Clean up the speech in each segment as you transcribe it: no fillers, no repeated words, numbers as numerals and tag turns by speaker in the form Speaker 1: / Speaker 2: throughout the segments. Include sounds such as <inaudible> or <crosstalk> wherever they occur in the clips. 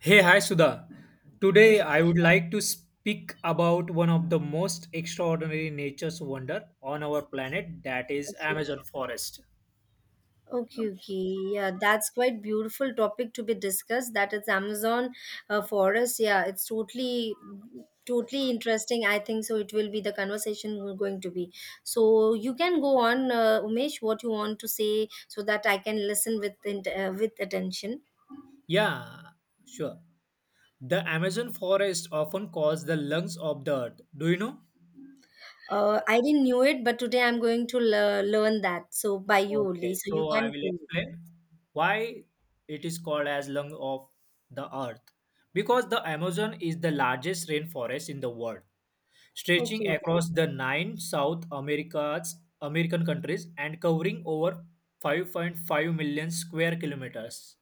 Speaker 1: Hey, hi Sudha. Today
Speaker 2: Yeah.
Speaker 1: I would like to speak about one of the most extraordinary nature's wonder on our planet, that is
Speaker 2: Okay.
Speaker 1: Amazon forest.
Speaker 2: Okay, okay. Yeah, that's quite beautiful topic to be discussed. That is Amazon forest. Yeah, it's totally, totally interesting. I think so. It will be the conversation we're going to be. So you can go on, Umesh, what you want to say, so that I can listen with with attention.
Speaker 1: Yeah, sure. The Amazon forest often calls the lungs of the earth. Do you know?
Speaker 2: I didn't knew it, but today I'm going to learn that. So by you
Speaker 1: Okay,
Speaker 2: only. So you
Speaker 1: so I
Speaker 2: can
Speaker 1: will
Speaker 2: go.
Speaker 1: explain why it is called as lung of the earth. Because the Amazon is the largest rainforest in the world, stretching
Speaker 2: Okay.
Speaker 1: across the nine South America's American countries and covering over 5.5 million square kilometers.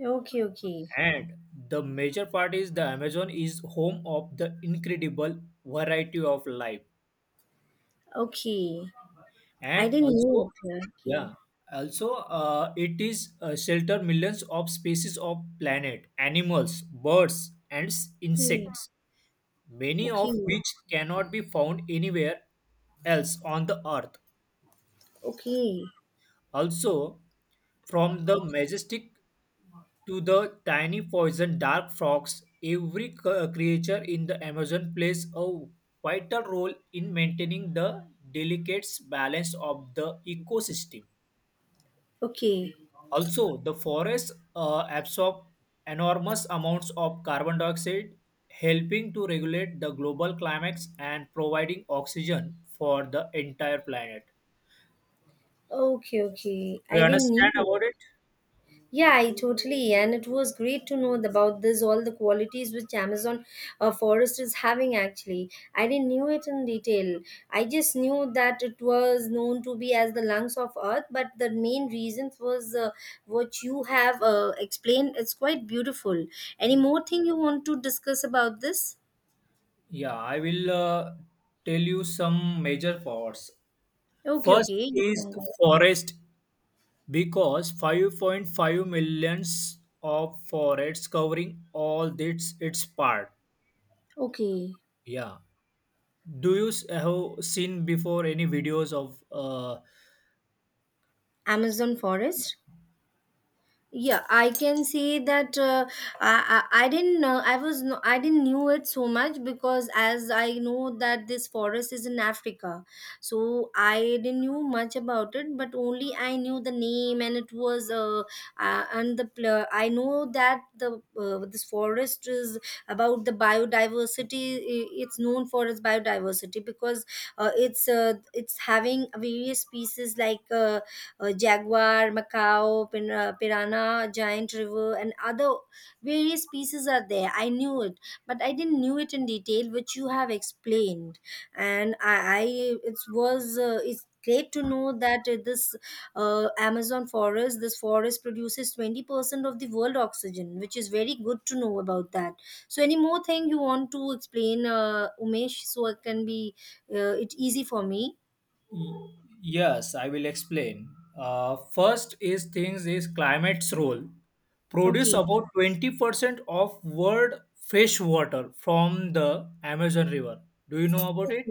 Speaker 2: Okay. Okay.
Speaker 1: And the major part is the Amazon is home of the incredible variety of life.
Speaker 2: Okay. I
Speaker 1: And
Speaker 2: didn't
Speaker 1: also,
Speaker 2: knew it. Yeah. Okay.
Speaker 1: yeah, also it is shelter millions of species of planet, animals, birds, and
Speaker 2: Okay.
Speaker 1: insects, many
Speaker 2: Okay,
Speaker 1: of which cannot be found anywhere else on the earth.
Speaker 2: okay,
Speaker 1: Also, from the majestic to the tiny poison dark frogs, every creature in the Amazon plays a vital role in maintaining the delicate balance of the ecosystem.
Speaker 2: okay,
Speaker 1: Also, the forests absorb enormous amounts of carbon dioxide, helping to regulate the global climate and providing oxygen for the entire planet.
Speaker 2: okay, okay.
Speaker 1: Do
Speaker 2: I
Speaker 1: you
Speaker 2: didn't
Speaker 1: understand
Speaker 2: knew.
Speaker 1: about it?
Speaker 2: Yeah, I totally. And it was great to know about this, all the qualities which Amazon forest is having actually. I didn't knew it in detail. I just knew that it was known to be as the lungs of earth, but the main reasons was what you have explained. It's quite beautiful. Any more thing you want to discuss about this?
Speaker 1: Yeah, I will tell you some major forts.
Speaker 2: Okay,
Speaker 1: First
Speaker 2: okay. You
Speaker 1: is
Speaker 2: can go.
Speaker 1: forest because 5.5 millions of forests covering all its part.
Speaker 2: Okay.
Speaker 1: Yeah. Do you have seen before any videos of
Speaker 2: Amazon forest. Yeah, I can say that I didn't know, I was no, I didn't knew it so much because as I know that this forest is in Africa, so I didn't knew much about it, but only I knew the name. And it was and I know that the this forest is about the biodiversity, it's known for its biodiversity because it's having various species like jaguar, macaw, piranha, giant river, and other various species are there. I knew it, but I didn't knew it in detail, which you have explained. And I it was it's great to know that this Amazon forest, this forest produces 20% of the world oxygen, which is very good to know about that. So, any more thing you want to explain, Umesh, so it can be it easy for me?
Speaker 1: Y- Yes, I will explain. First is things is climate's role. Produce
Speaker 2: Okay.
Speaker 1: about 20% of world fresh water from the Amazon River. Do you know about it?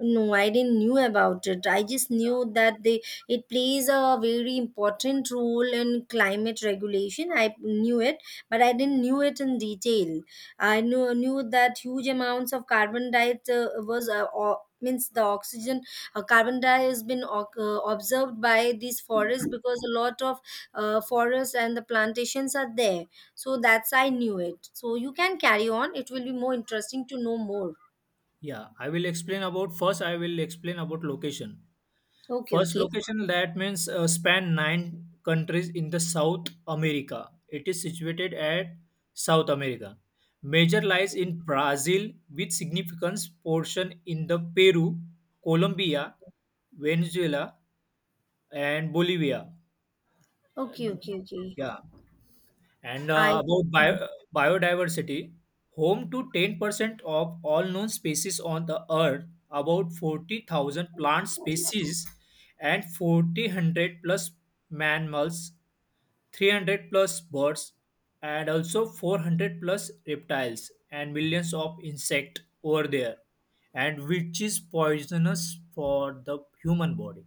Speaker 2: No, I didn't knew about it. I just knew that they it plays a very important role in climate regulation. I knew it, but I didn't knew it in detail. I knew knew that huge amounts of carbon dioxide was means the oxygen, carbon dioxide has been observed by these forests because a lot of forests and the plantations are there. So that's I knew it. So you can carry on. It will be more interesting to know more.
Speaker 1: Yeah, I will explain about first I will explain about location.
Speaker 2: Okay,
Speaker 1: First
Speaker 2: okay.
Speaker 1: location, that means span nine countries in the South America. It is situated at South America. Major lies in Brazil with significant portion in the Peru, Colombia, Venezuela and Bolivia.
Speaker 2: Okay, okay, okay.
Speaker 1: Yeah. And
Speaker 2: I
Speaker 1: about biodiversity, home to 10% of all known species on the earth, about 40,000 plant species, and 4,000 plus mammals, 300 plus birds, and also 400 plus reptiles, and millions of insect over there, and which is poisonous for the human body.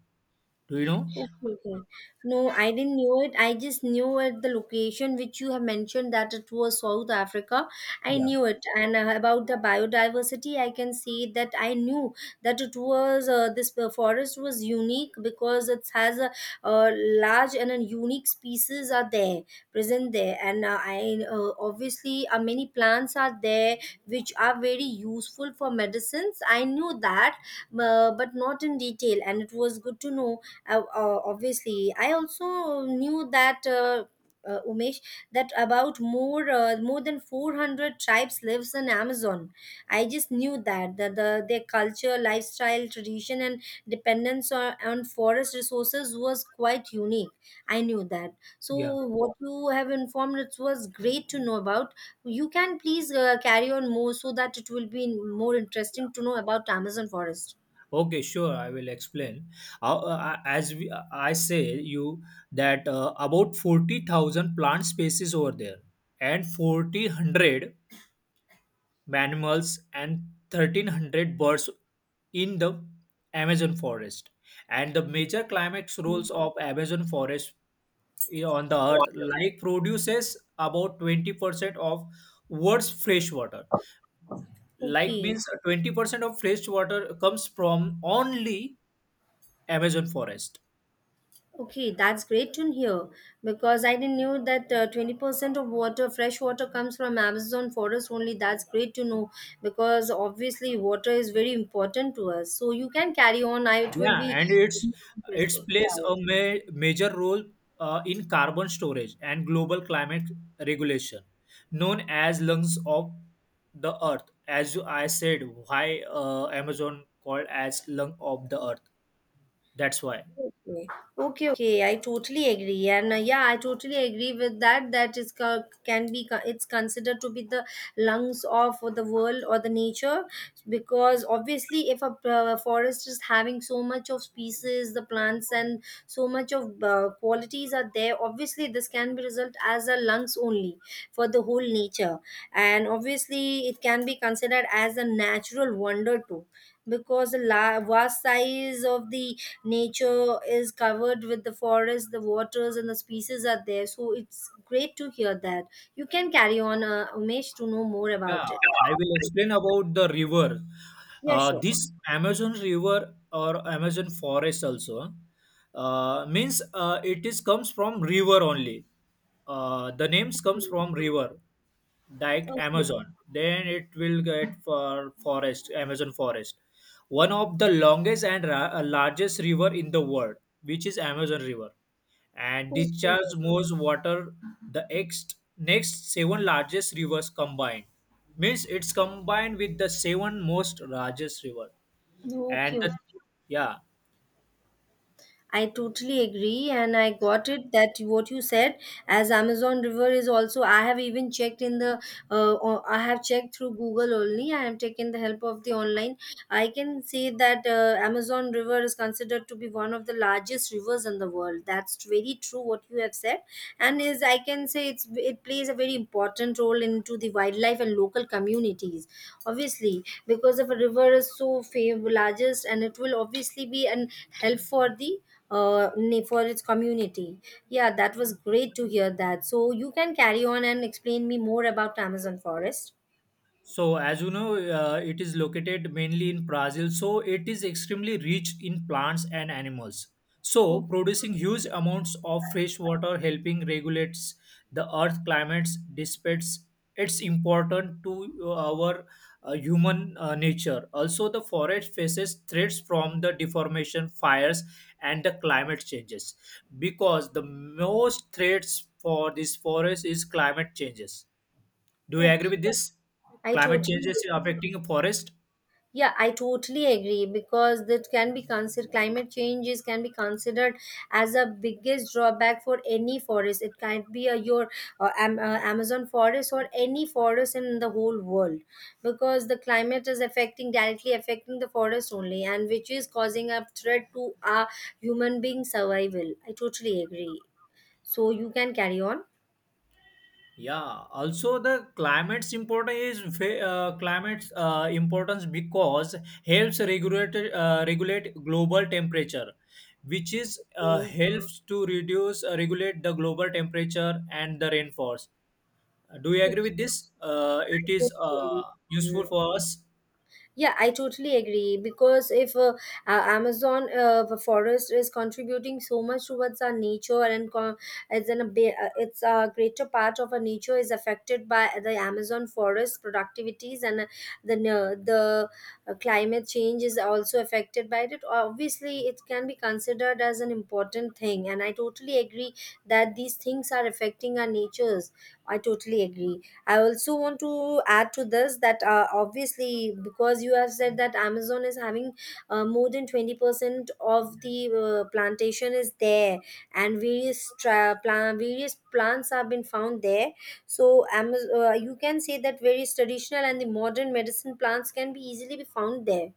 Speaker 1: Do you know?
Speaker 2: okay, okay. No, I didn't know it. I just knew at the location which you have mentioned that it was South Africa. I knew it. And about the biodiversity, I can say that I knew that it was this forest was unique because it has a, uh, large and a unique species are there present there. And I obviously many plants are there which are very useful for medicines. I knew that, but not in detail. And it was good to know obviously I also knew that Umesh, that about more, more than 400 tribes lives in Amazon. I just knew that their culture, lifestyle, tradition and dependence on forest resources was quite unique. I knew that. So
Speaker 1: Yeah.
Speaker 2: what you have informed, it was great to know about. You can please carry on more so that it will be more interesting to know about Amazon forest.
Speaker 1: Okay, sure. I will explain. As I say you that about 40,000 plant species over there, and 4,000 mammals and 1,300 birds in the Amazon forest. And the major climate roles of Amazon forest on the earth like produces about 20% of world's fresh water. Like
Speaker 2: Okay.
Speaker 1: means 20% of fresh water comes from only Amazon forest.
Speaker 2: Okay, that's great to hear because I didn't knew that 20% of water, fresh water comes from Amazon forest only. That's great to know because obviously water is very important to us. So you can carry on. I it will
Speaker 1: Yeah,
Speaker 2: be
Speaker 1: and it's
Speaker 2: interesting. Yeah.
Speaker 1: plays
Speaker 2: Yeah.
Speaker 1: a major role in carbon storage and global climate regulation, known as lungs of the earth. As I said, why Amazon called as lung of the earth? That's why.
Speaker 2: Okay. Okay, okay. I totally agree. And yeah, I totally agree with that. That is can be it's considered to be the lungs of the world or the nature because obviously if a forest is having so much of species, the plants and so much of qualities are there, obviously this can be result as a lungs only for the whole nature. And obviously it can be considered as a natural wonder too because vast size of the nature is covered with the forest, the waters and the species are there. So it's great to hear that. You can carry on, Umesh, to know more
Speaker 1: Yeah,
Speaker 2: about it.
Speaker 1: I will explain about the river.
Speaker 2: Yeah, sure.
Speaker 1: This Amazon river or Amazon forest also means it is comes from river only. The names comes from river like
Speaker 2: Okay,
Speaker 1: Amazon. Then it will get for forest, Amazon forest, one of the longest and largest river in the world, which is Amazon River, and discharges most water the next seven largest rivers combined. Means it's combined with the seven most largest river,
Speaker 2: okay,
Speaker 1: and
Speaker 2: okay.
Speaker 1: the, yeah.
Speaker 2: I totally agree, and I got it that what you said as Amazon River is also. I have even checked in the, I have checked through Google only. I have taken the help of the online. I can say that Amazon River is considered to be one of the largest rivers in the world. That's very true what you have said, and is I can say it's it plays a very important role into the wildlife and local communities. Obviously, because of a river is so famous, largest, and it will obviously be an help for the for its community. Yeah, that was great to hear that. So you can carry on and explain me more about Amazon forest.
Speaker 1: So, as you know, it is located mainly in Brazil. So, it is extremely rich in plants and animals. So,
Speaker 2: Okay.
Speaker 1: producing huge amounts of fresh water, helping regulates the earth climates, despite it's important to our human nature. Also, the forest faces threats from the deformation, fires, and the climate changes, because the most threats for this forest is climate changes. Do you
Speaker 2: Okay,
Speaker 1: agree with this?
Speaker 2: I
Speaker 1: Climate change
Speaker 2: totally
Speaker 1: is affecting forest.
Speaker 2: yeah, I totally agree because that can be considered climate changes can be considered as a biggest drawback for any forest. It can be a, your uh, Am- uh, Amazon forest or any forest in the whole world because the climate is affecting directly affecting the forest only and which is causing a threat to our human being survival. I totally agree. So you can carry on.
Speaker 1: Yeah. Also, the climate's important is climate's importance because helps regulate regulate global temperature, which is
Speaker 2: Mm,
Speaker 1: helps to reduce regulate the global temperature and the rainfalls. Do you agree with this? It is
Speaker 2: totally agree. Mm.
Speaker 1: useful for us.
Speaker 2: Yeah, I totally agree because if Amazon the forest is contributing so much towards our nature and it's in a it's a greater part of our nature is affected by the Amazon forest productivities and the na- the climate change is also affected by it. Obviously, it can be considered as an important thing, and I totally agree that these things are affecting our natures. I totally agree. I also want to add to this that obviously, because you have said that Amazon is having more than 20% of the plantation is there and various tra- plant various plants have been found there. So Amazon, you can say that various traditional and the modern medicine plants can be easily be found there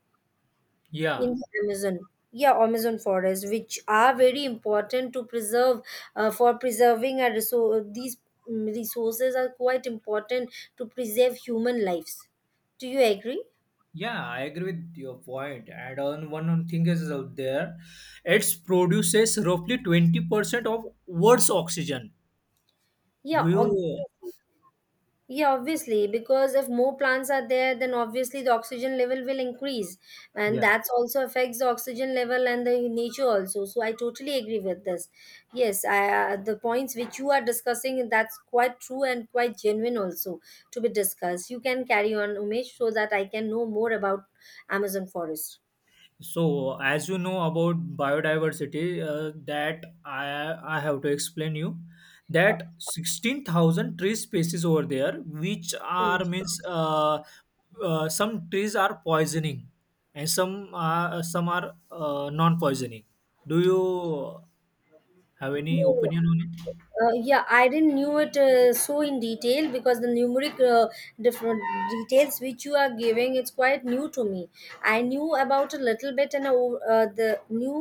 Speaker 2: in
Speaker 1: Yeah.
Speaker 2: the Amazon. Yeah, Amazon forest, which are very important to preserve for preserving our resource. These, mm, resources are quite important to preserve human lives. Do you agree?
Speaker 1: Yeah, I agree with your point. And on one on thing is out there, it produces roughly 20% of Earth's oxygen.
Speaker 2: Yeah,
Speaker 1: Do you?
Speaker 2: obviously. Yeah, obviously, because if more plants are there, then obviously the oxygen level will increase, and
Speaker 1: Yeah.
Speaker 2: that's also affects the oxygen level and the nature also. So I totally agree with this. Yes, I, the points which you are discussing that's quite true and quite genuine also to be discussed. You can carry on, Umesh, so that I can know more about Amazon forest.
Speaker 1: So as you know about biodiversity, that I have to explain you that 16,000 tree species over there, which
Speaker 2: Mm.
Speaker 1: are means some trees are poisoning and some are non-poisoning. Do you have any
Speaker 2: No,
Speaker 1: opinion on it?
Speaker 2: Yeah, I didn't knew it so in detail because the numeric different details which you are giving it's quite new to me. I knew about a little bit and the new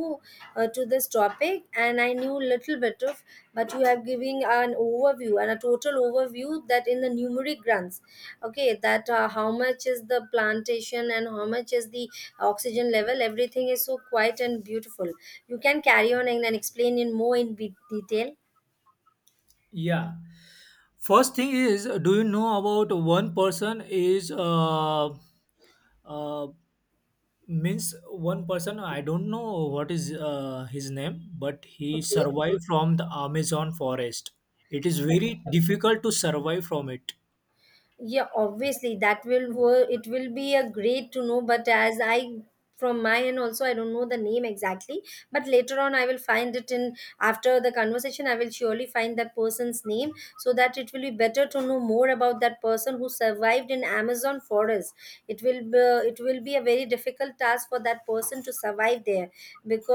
Speaker 2: to this topic, and I knew little bit of, but you have giving an overview and a total overview that in the numeric grants, okay, that how much is the plantation and how much is the oxygen level. Everything is so quiet and beautiful. You can carry on and explain in more in detail.
Speaker 1: Yeah. First thing is, do you know about one person is uh, means one person? I don't know what is his name, but he
Speaker 2: Okay.
Speaker 1: survived from the Amazon forest. It is very difficult to survive from it.
Speaker 2: Yeah, obviously that it will be a great to know, but as I, from my end also, I don't know the name exactly, but later on I will find it in, after the conversation I will surely find that person's name, so that it will be better to know more about that person who survived in Amazon for forest. it will be, it will be a very difficult task for that person to survive there,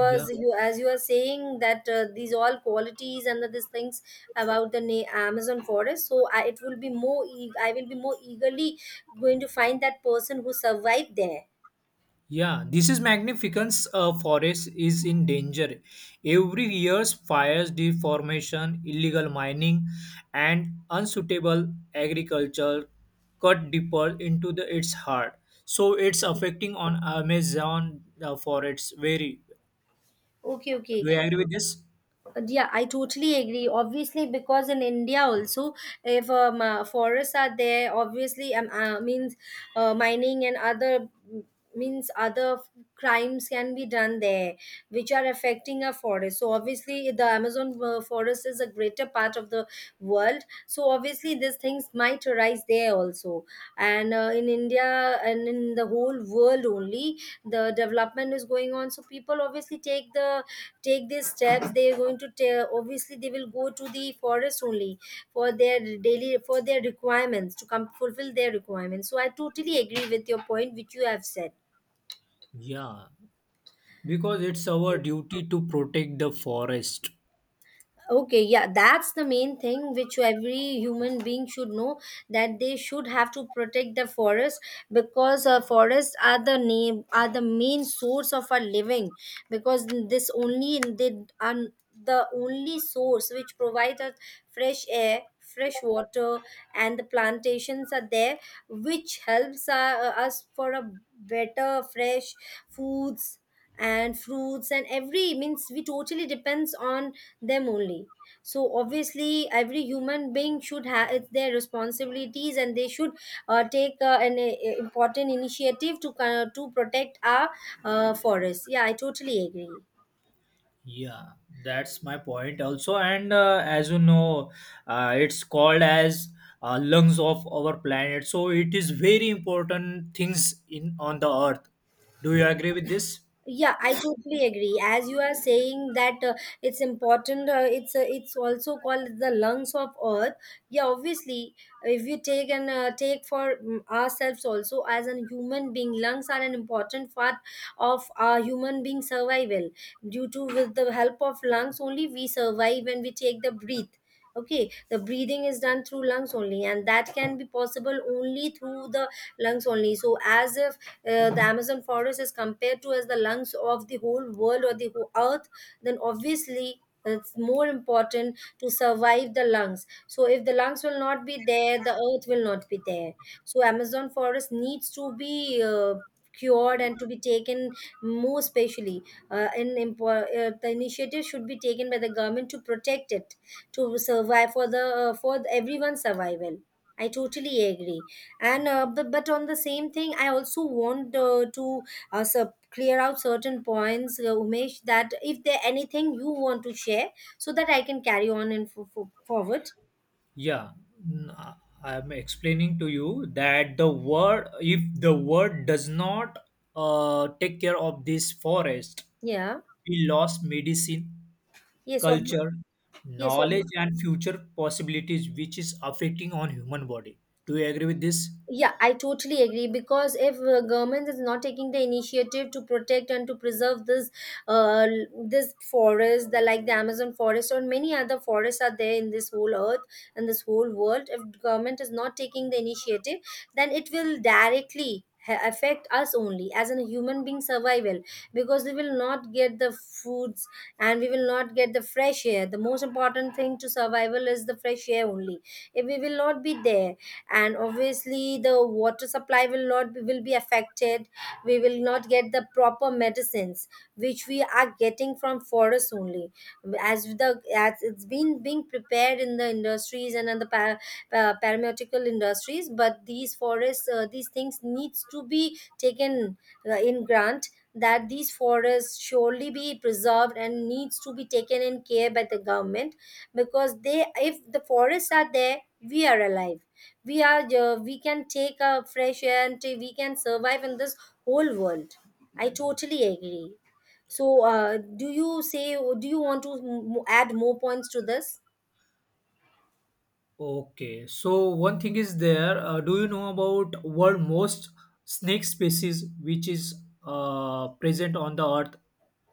Speaker 1: Yeah.
Speaker 2: you, as you are saying that these all qualities and these things about Amazon forest, so it will be I will be more eagerly going to find that person who survived there.
Speaker 1: Yeah, this is Magnificence forest is in danger. Every year's fires, deformation, illegal mining, and unsuitable agriculture cut deeper into the its heart. So it's affecting on Amazon forests very.
Speaker 2: Okay. Okay,
Speaker 1: Do you agree with this?
Speaker 2: yeah, I totally agree, obviously because in India also, if forests are there, obviously means mining and other, means crimes can be done there, which are affecting our forest. So obviously the Amazon forest is a greater part of the world, so obviously these things might arise there also. And in India and in the whole world only, the development is going on, so people obviously take the, take these steps. They are going to tell, obviously they will go to the forest only for their daily, for their requirements, to come fulfill their requirements. So I totally agree with your point which you have said.
Speaker 1: Yeah, because it's our duty to protect the forest.
Speaker 2: Okay, yeah, that's the main thing which every human being should know, that they should have to protect the forest, because forests are the name, are the main source of our living, because this only they are, the only source which provides us fresh air, fresh water, and the plantations are there, which helps us for a better fresh foods and fruits, and every means we totally depends on them only. So obviously every human being should have, it's their responsibilities, and they should take an important initiative to protect our forests. Yeah, I totally agree.
Speaker 1: Yeah, that's my point also. And as you know, it's called as lungs of our planet. So it is very important things in on the earth. Do you agree with this?
Speaker 2: Yeah, I totally agree. As you are saying that it's important, it's also called the lungs of earth. Yeah, obviously, if you take and take for ourselves also as a human being, lungs are an important part of our human being survival. Due to, with the help of lungs, only we survive when we take the breath. Okay, the breathing is done through lungs only, and that can be possible only through the lungs only. So as if the Amazon forest is compared to as the lungs of the whole world or the whole earth, then obviously it's more important to survive the lungs. So if the lungs will not be there, the earth will not be there. So Amazon forest needs to be cured and to be taken more specially. The initiative should be taken by the government to protect it, to survive for the for everyone's survival. I totally agree. And but on the same thing, I also want to clear out certain points, Umesh, that if there anything you want to share, so that I can carry on and forward.
Speaker 1: Yeah, n- I- I'm explaining to you that the world, if the world does not take care of this forest,
Speaker 2: Yeah.
Speaker 1: we lost medicine,
Speaker 2: Yes, obvi-
Speaker 1: culture,
Speaker 2: yes,
Speaker 1: knowledge, and future possibilities, which is affecting on human body. Do you agree with this?
Speaker 2: Yeah, I totally agree, because if government is not taking the initiative to protect and to preserve this, this forest, the like the Amazon forest, or many other forests are there in this whole earth and this whole world. If government is not taking the initiative, then it will directly affect us only as a human being survival, because we will not get the foods, and we will not get the fresh air. The most important thing to survival is the fresh air only. If we will not be there, and obviously the water supply will not, will be affected, we will not get the proper medicines, which we are getting from forests only, as the, as it's been being prepared in the industries and in the para, paramedical industries. But these forests these things needs to be taken in grant, that these forests surely be preserved and needs to be taken in care by the government, because they, if the forests are there, we are alive. We are we can take a fresh air and we can survive in this whole world. I totally agree. So do you say, do you want to add more points to this?
Speaker 1: Okay, so one thing is there. Do you know about world most snake species which is present on the earth,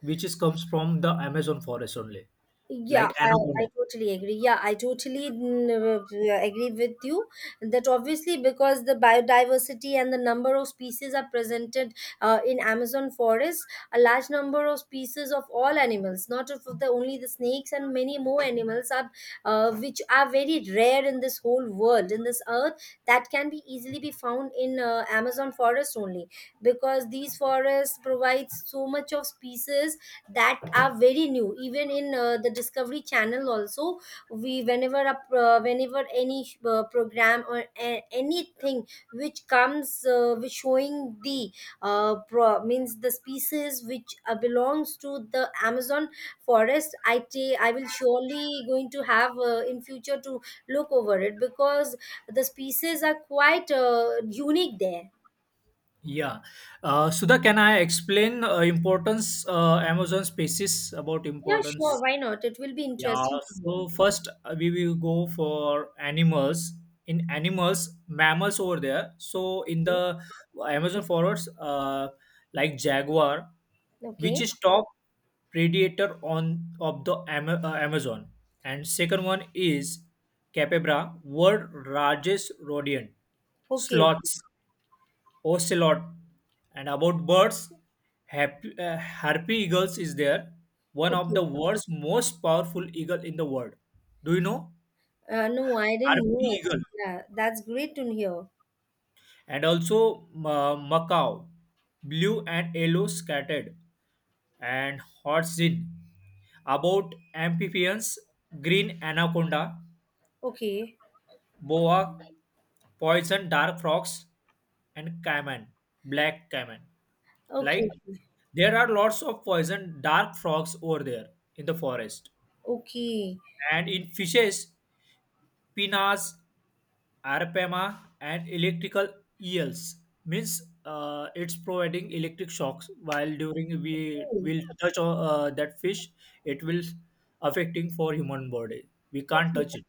Speaker 1: which is comes from the Amazon forest only,
Speaker 2: Yeah,
Speaker 1: like
Speaker 2: I,
Speaker 1: anaconda.
Speaker 2: I totally agree. Yeah, I totally agree with you, that obviously because the biodiversity and the number of species are presented in Amazon forest, a large number of species of all animals, not of the only the snakes, and many more animals are which are very rare in this whole world, in this earth, that can be easily be found in Amazon forest only, because these forests provides so much of species that are very new, even in the Discovery Channel also. We whenever whenever any program or anything which comes with showing the means the species which belongs to the Amazon forest, I will surely going to have in future to look over it, because the species are quite unique there.
Speaker 1: Yeah. Sudha, can I explain importance Amazon species about
Speaker 2: Yeah,
Speaker 1: importance?
Speaker 2: sure, why not, it will be
Speaker 1: Yeah,
Speaker 2: interesting to know.
Speaker 1: so first we will go for animals. In animals, mammals over there. So in the Amazon forests, like jaguar,
Speaker 2: Okay.
Speaker 1: which is top predator on of the Amazon, and second one is capybara, world largest rodent.
Speaker 2: Okay.
Speaker 1: Sloths, ocelot, and about birds, harpy eagles is there, one of the
Speaker 2: Okay.
Speaker 1: world's most powerful eagle in the world. Do you know
Speaker 2: No, I didn't
Speaker 1: harpy
Speaker 2: know it.
Speaker 1: eagle?
Speaker 2: Yeah, that's great to hear.
Speaker 1: And also Macau, blue and yellow scattered, and Hotzin. About amphibians, green anaconda,
Speaker 2: Okay,
Speaker 1: boa, poison dark frogs, and caiman, black caiman.
Speaker 2: okay,
Speaker 1: Like there are lots of poison dark frogs over there in the forest.
Speaker 2: okay,
Speaker 1: And in fishes, pinas, arapema, and electrical eels, means it's providing electric shocks while during we
Speaker 2: okay,
Speaker 1: will touch that fish, it will affecting for human body. We can't
Speaker 2: okay.
Speaker 1: touch it.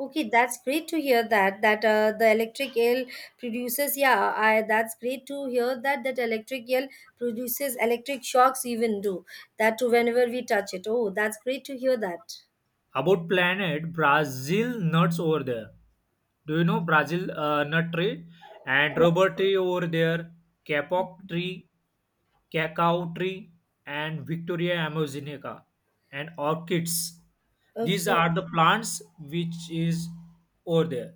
Speaker 2: Okay, that's great to hear that that the electric eel produces. Yeah, I, that's great to hear that that electric eel produces electric shocks even do that too, whenever we touch it. Oh, that's great to hear that.
Speaker 1: About planet Brazil nuts over there. Do you know Brazil nut tree and rubber tree over there, capoc tree, cacao tree, and Victoria amazonica and orchids. These
Speaker 2: Okay.
Speaker 1: are the plants which is over there.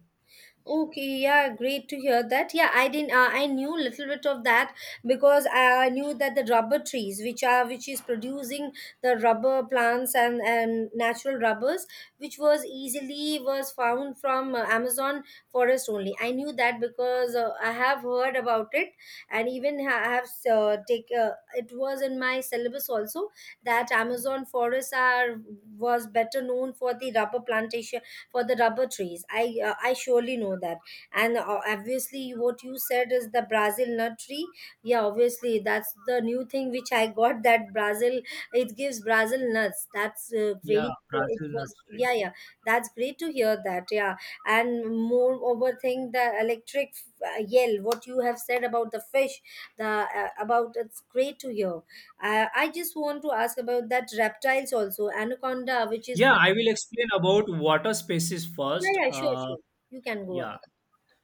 Speaker 2: Okay, yeah, great to hear that. Yeah, I didn't. I knew little bit of that, because I knew that the rubber trees, which are, which is producing the rubber plants and natural rubbers, which was easily was found from Amazon forest only. I knew that because I have heard about it, and even I have take. It was in my syllabus also, that Amazon forests are, was better known for the rubber plantation, for the rubber trees. I I surely know that. And obviously, what you said is the Brazil nut tree. Yeah, obviously, that's the new thing which I got. <laughs> That Brazil, it gives Brazil nuts. That's very.
Speaker 1: Yeah,
Speaker 2: Cool. It
Speaker 1: Brazil nut
Speaker 2: was,
Speaker 1: tree.
Speaker 2: yeah, yeah. That's great to hear that. Yeah, and moreover, thing the electric yell. What you have said about the fish, the about, it's great to hear. I just want to ask about that reptiles also, anaconda, which is,
Speaker 1: Yeah, I will explain about water species first.
Speaker 2: yeah, yeah, sure, sure. You can go on.
Speaker 1: Yeah,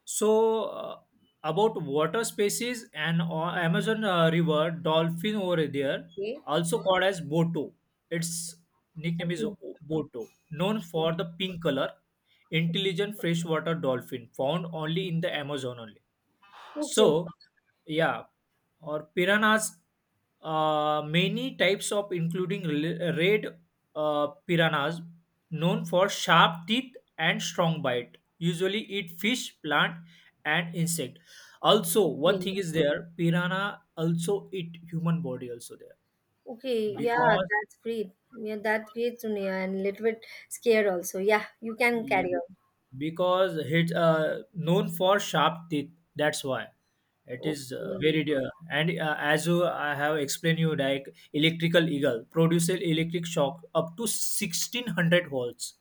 Speaker 1: So, uh, about water species, and Amazon River dolphin over there,
Speaker 2: Okay.
Speaker 1: also called as Boto. Its nickname is
Speaker 2: Okay.
Speaker 1: Boto, known for the pink color, intelligent freshwater dolphin found only in the Amazon only.
Speaker 2: Okay. Okay.
Speaker 1: So, yeah, or piranhas, many types of including red piranhas, known for sharp teeth and strong bite, usually eat fish, plant, and insect. Also, one
Speaker 2: Okay.
Speaker 1: thing is there, piranha also eat human body also there,
Speaker 2: Okay. Yeah,
Speaker 1: because
Speaker 2: that's great. Yeah, that's great, Sonia, and a little bit scared also. Yeah, you can
Speaker 1: yeah,
Speaker 2: carry on.
Speaker 1: because it's known for sharp teeth. That's why it is
Speaker 2: Okay.
Speaker 1: very dear, and as you, I have explained you, like electrical eagle produces electric shock up to 1600 volts,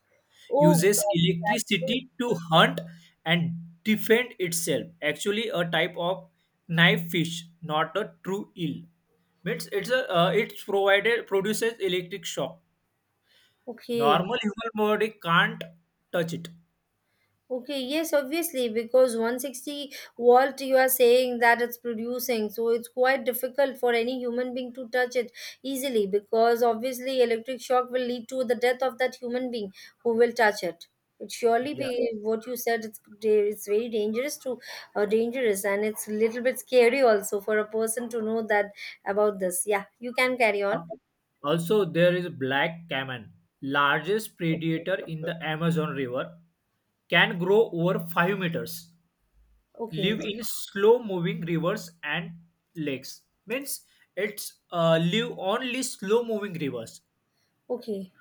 Speaker 2: Oh,
Speaker 1: uses
Speaker 2: God, that's good.
Speaker 1: electricity to hunt and defend itself, actually a type of knife fish, not a true eel. Means it's a it's provided produces electric shock,
Speaker 2: Okay.
Speaker 1: normal human body can't touch it.
Speaker 2: Okay, yes, obviously, because 160 volt you are saying that it's producing, so it's quite difficult for any human being to touch it easily, because obviously electric shock will lead to the death of that human being who will touch it. It surely
Speaker 1: Yeah.
Speaker 2: be what you said. It's very dangerous to dangerous, and it's a little bit scary also for a person to know that about this. Yeah, you can carry on.
Speaker 1: Also, there is black caiman, largest predator in the Amazon River, can grow over 5 meters,
Speaker 2: Okay,
Speaker 1: live in slow-moving rivers and lakes. Means it's live only slow-moving rivers.
Speaker 2: okay.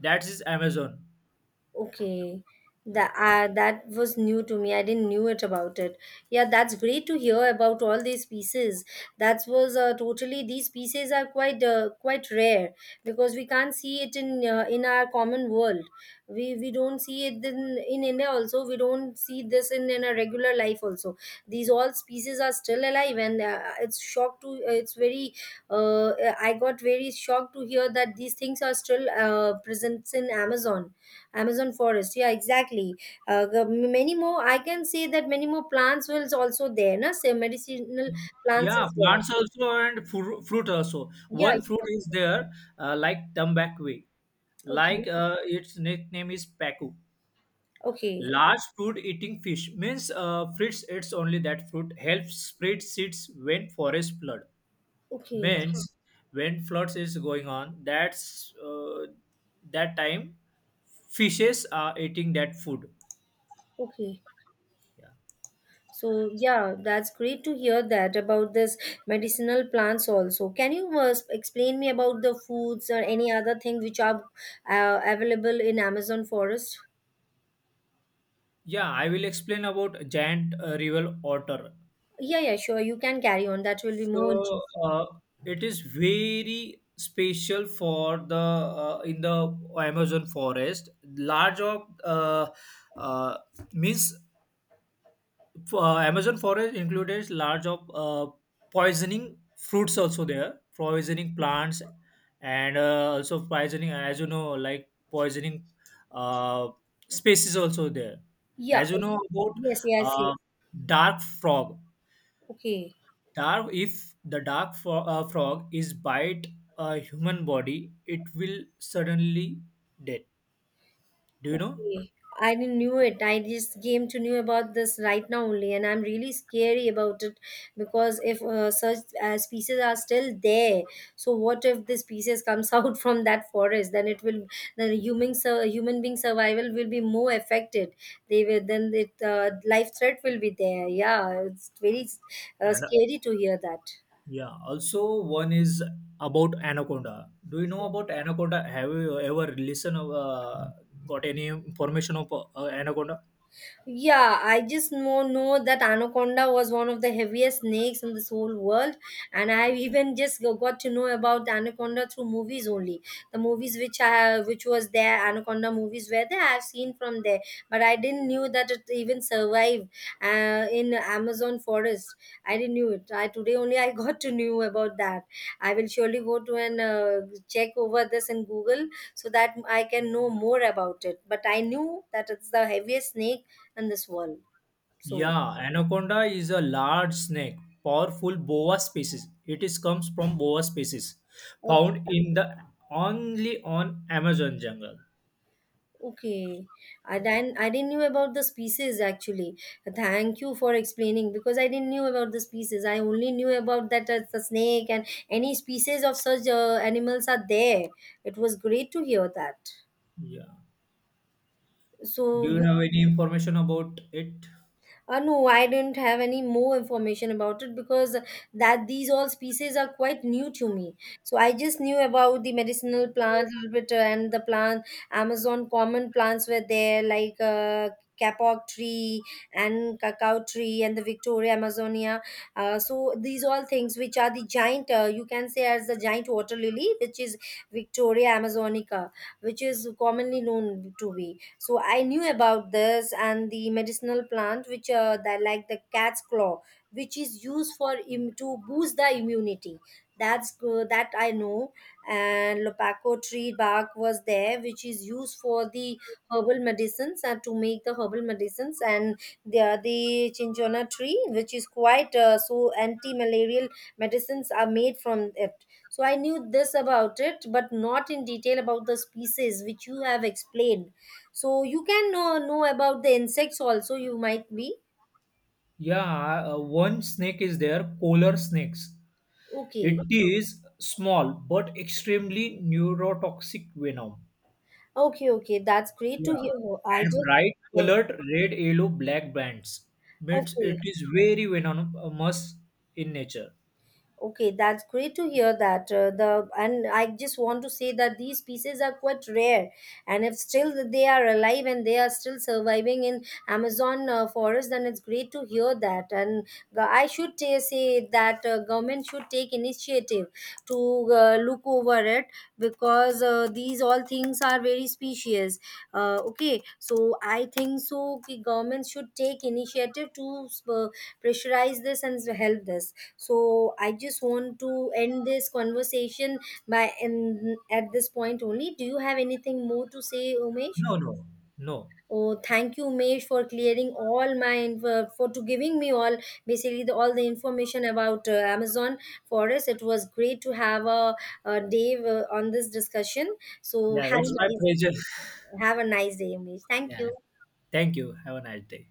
Speaker 1: That is Amazon.
Speaker 2: Okay.
Speaker 1: Yeah,
Speaker 2: That that was new to me. I didn't knew it about it. Yeah, that's great to hear about all these pieces. That was totally, these pieces are quite quite rare, because we can't see it in our common world. We don't see it in India also. We don't see this in our regular life also. These all species are still alive, and it's shocked to, it's very. Uh, I got very shocked to hear that these things are still present in Amazon forest. Yeah, exactly. The many more. I can say that many more plants will also there. Na, so medicinal plants
Speaker 1: yeah,
Speaker 2: is there.
Speaker 1: plants also and fruit also.
Speaker 2: Yeah.
Speaker 1: One fruit
Speaker 2: You
Speaker 1: is there, like tambaqui.
Speaker 2: okay.
Speaker 1: Like its nickname is pacu.
Speaker 2: Okay.
Speaker 1: Large fruit eating fish, means fruits eats only that fruit, helps spread seeds when forest flood.
Speaker 2: Okay.
Speaker 1: Means <laughs> when floods is going on, that's that time fishes are eating that food.
Speaker 2: Okay.
Speaker 1: Yeah.
Speaker 2: So yeah, that's great to hear that about this medicinal plants also. Can you explain me about the foods or any other thing which are available in Amazon forest?
Speaker 1: Yeah, I will explain about giant river otter.
Speaker 2: Yeah, yeah, sure. You can carry on. That will be more
Speaker 1: So
Speaker 2: interesting.
Speaker 1: it is very special for the in the Amazon forest large of uh, means Amazon forest includes large of poisoning fruits also there, poisoning plants, and also poisoning, as you know, like poisoning uh, species also there.
Speaker 2: Yeah.
Speaker 1: As you know about
Speaker 2: Yes, yes, yes.
Speaker 1: uh, dark frog,
Speaker 2: Okay.
Speaker 1: dark if the frog is bite a human body, it will suddenly dead. Do you know?
Speaker 2: Okay. I didn't knew it. I just came to knew about this right now only, and I'm really scary about it, because if such species are still there, so what if the species comes <laughs> out from that forest? Then it will, human being survival will be more affected. They will, then it life threat will be there. Yeah, it's very
Speaker 1: And
Speaker 2: scary to hear that.
Speaker 1: yeah, also one is about Anaconda. Do you know about Anaconda? Have you ever listened of, got any information of Anaconda?
Speaker 2: Yeah, I just know that anaconda was one of the heaviest snakes in this whole world, and I <laughs> even just got to know about anaconda through movies only. The movies which I, which was there, anaconda movies were there. I've seen from there, but I didn't knew that it even survived in Amazon forest. I didn't knew it. I today only I <laughs> got to know about that. I will surely go to and check over this in Google, so that I can know more about it. But I knew that it's the heaviest snake and this wall. So
Speaker 1: Yeah, Anaconda is a large snake, powerful boa species. It is comes from boa species,
Speaker 2: okay,
Speaker 1: found in the only on Amazon jungle.
Speaker 2: okay. I didn't knew about the species actually. Thank you for explaining, because I didn't knew about the species. I only knew about that as the snake and any species of such animals are there. It was great to hear that.
Speaker 1: Yeah.
Speaker 2: So
Speaker 1: Do you
Speaker 2: you,
Speaker 1: have any information about it?
Speaker 2: uh, no, I didn't have any more information about it, because that these all species are quite new to me. So I just knew about the medicinal plant a little bit, and the plant Amazon common plants were there, like kapok tree and cacao tree and the Victoria Amazonia. So these all things which are the giant you can say as the giant water lily, which is Victoria Amazonica, which is commonly known to be. So I knew about this, and the medicinal plant which that like the cat's claw, which is used for to boost the immunity, that's good that I know. And lopaco tree bark was there, which is used for the herbal medicines, and to make the herbal medicines. And there are the chinchona tree, which is quite so anti-malarial medicines are made from it. So I knew this about it, but not in detail about the species which you have explained. So you can know about the insects also, you might be.
Speaker 1: Yeah, one snake is there, polar snakes. It
Speaker 2: Okay.
Speaker 1: is small but extremely neurotoxic venom.
Speaker 2: Okay, okay. That's great to
Speaker 1: Yeah.
Speaker 2: hear. I
Speaker 1: And
Speaker 2: just,
Speaker 1: bright
Speaker 2: yeah.
Speaker 1: colored red, yellow, black bands, means
Speaker 2: Okay.
Speaker 1: it is very venomous in nature.
Speaker 2: Okay, that's great to hear that. The, and I just want to say that these pieces are quite rare, and if still they are alive and they are still surviving in Amazon forest, then it's great to hear that. And I should say that government should take initiative to look over it, because these all things are very specious. Okay, so I think so. Ki government should take initiative to pressurize this and help this, so I just want to end this conversation by and at this point only. Do you have anything more to say, Umesh?
Speaker 1: No, no, no.
Speaker 2: Oh, thank you, Umesh, for clearing all my info, for to giving me all, basically the, all the information about Amazon for us. It was great to have a day on this discussion. So
Speaker 1: Yeah, it's my pleasure. <laughs>
Speaker 2: have a nice day, Umesh. Thank
Speaker 1: Yeah.
Speaker 2: you.
Speaker 1: Thank you. Have a nice day.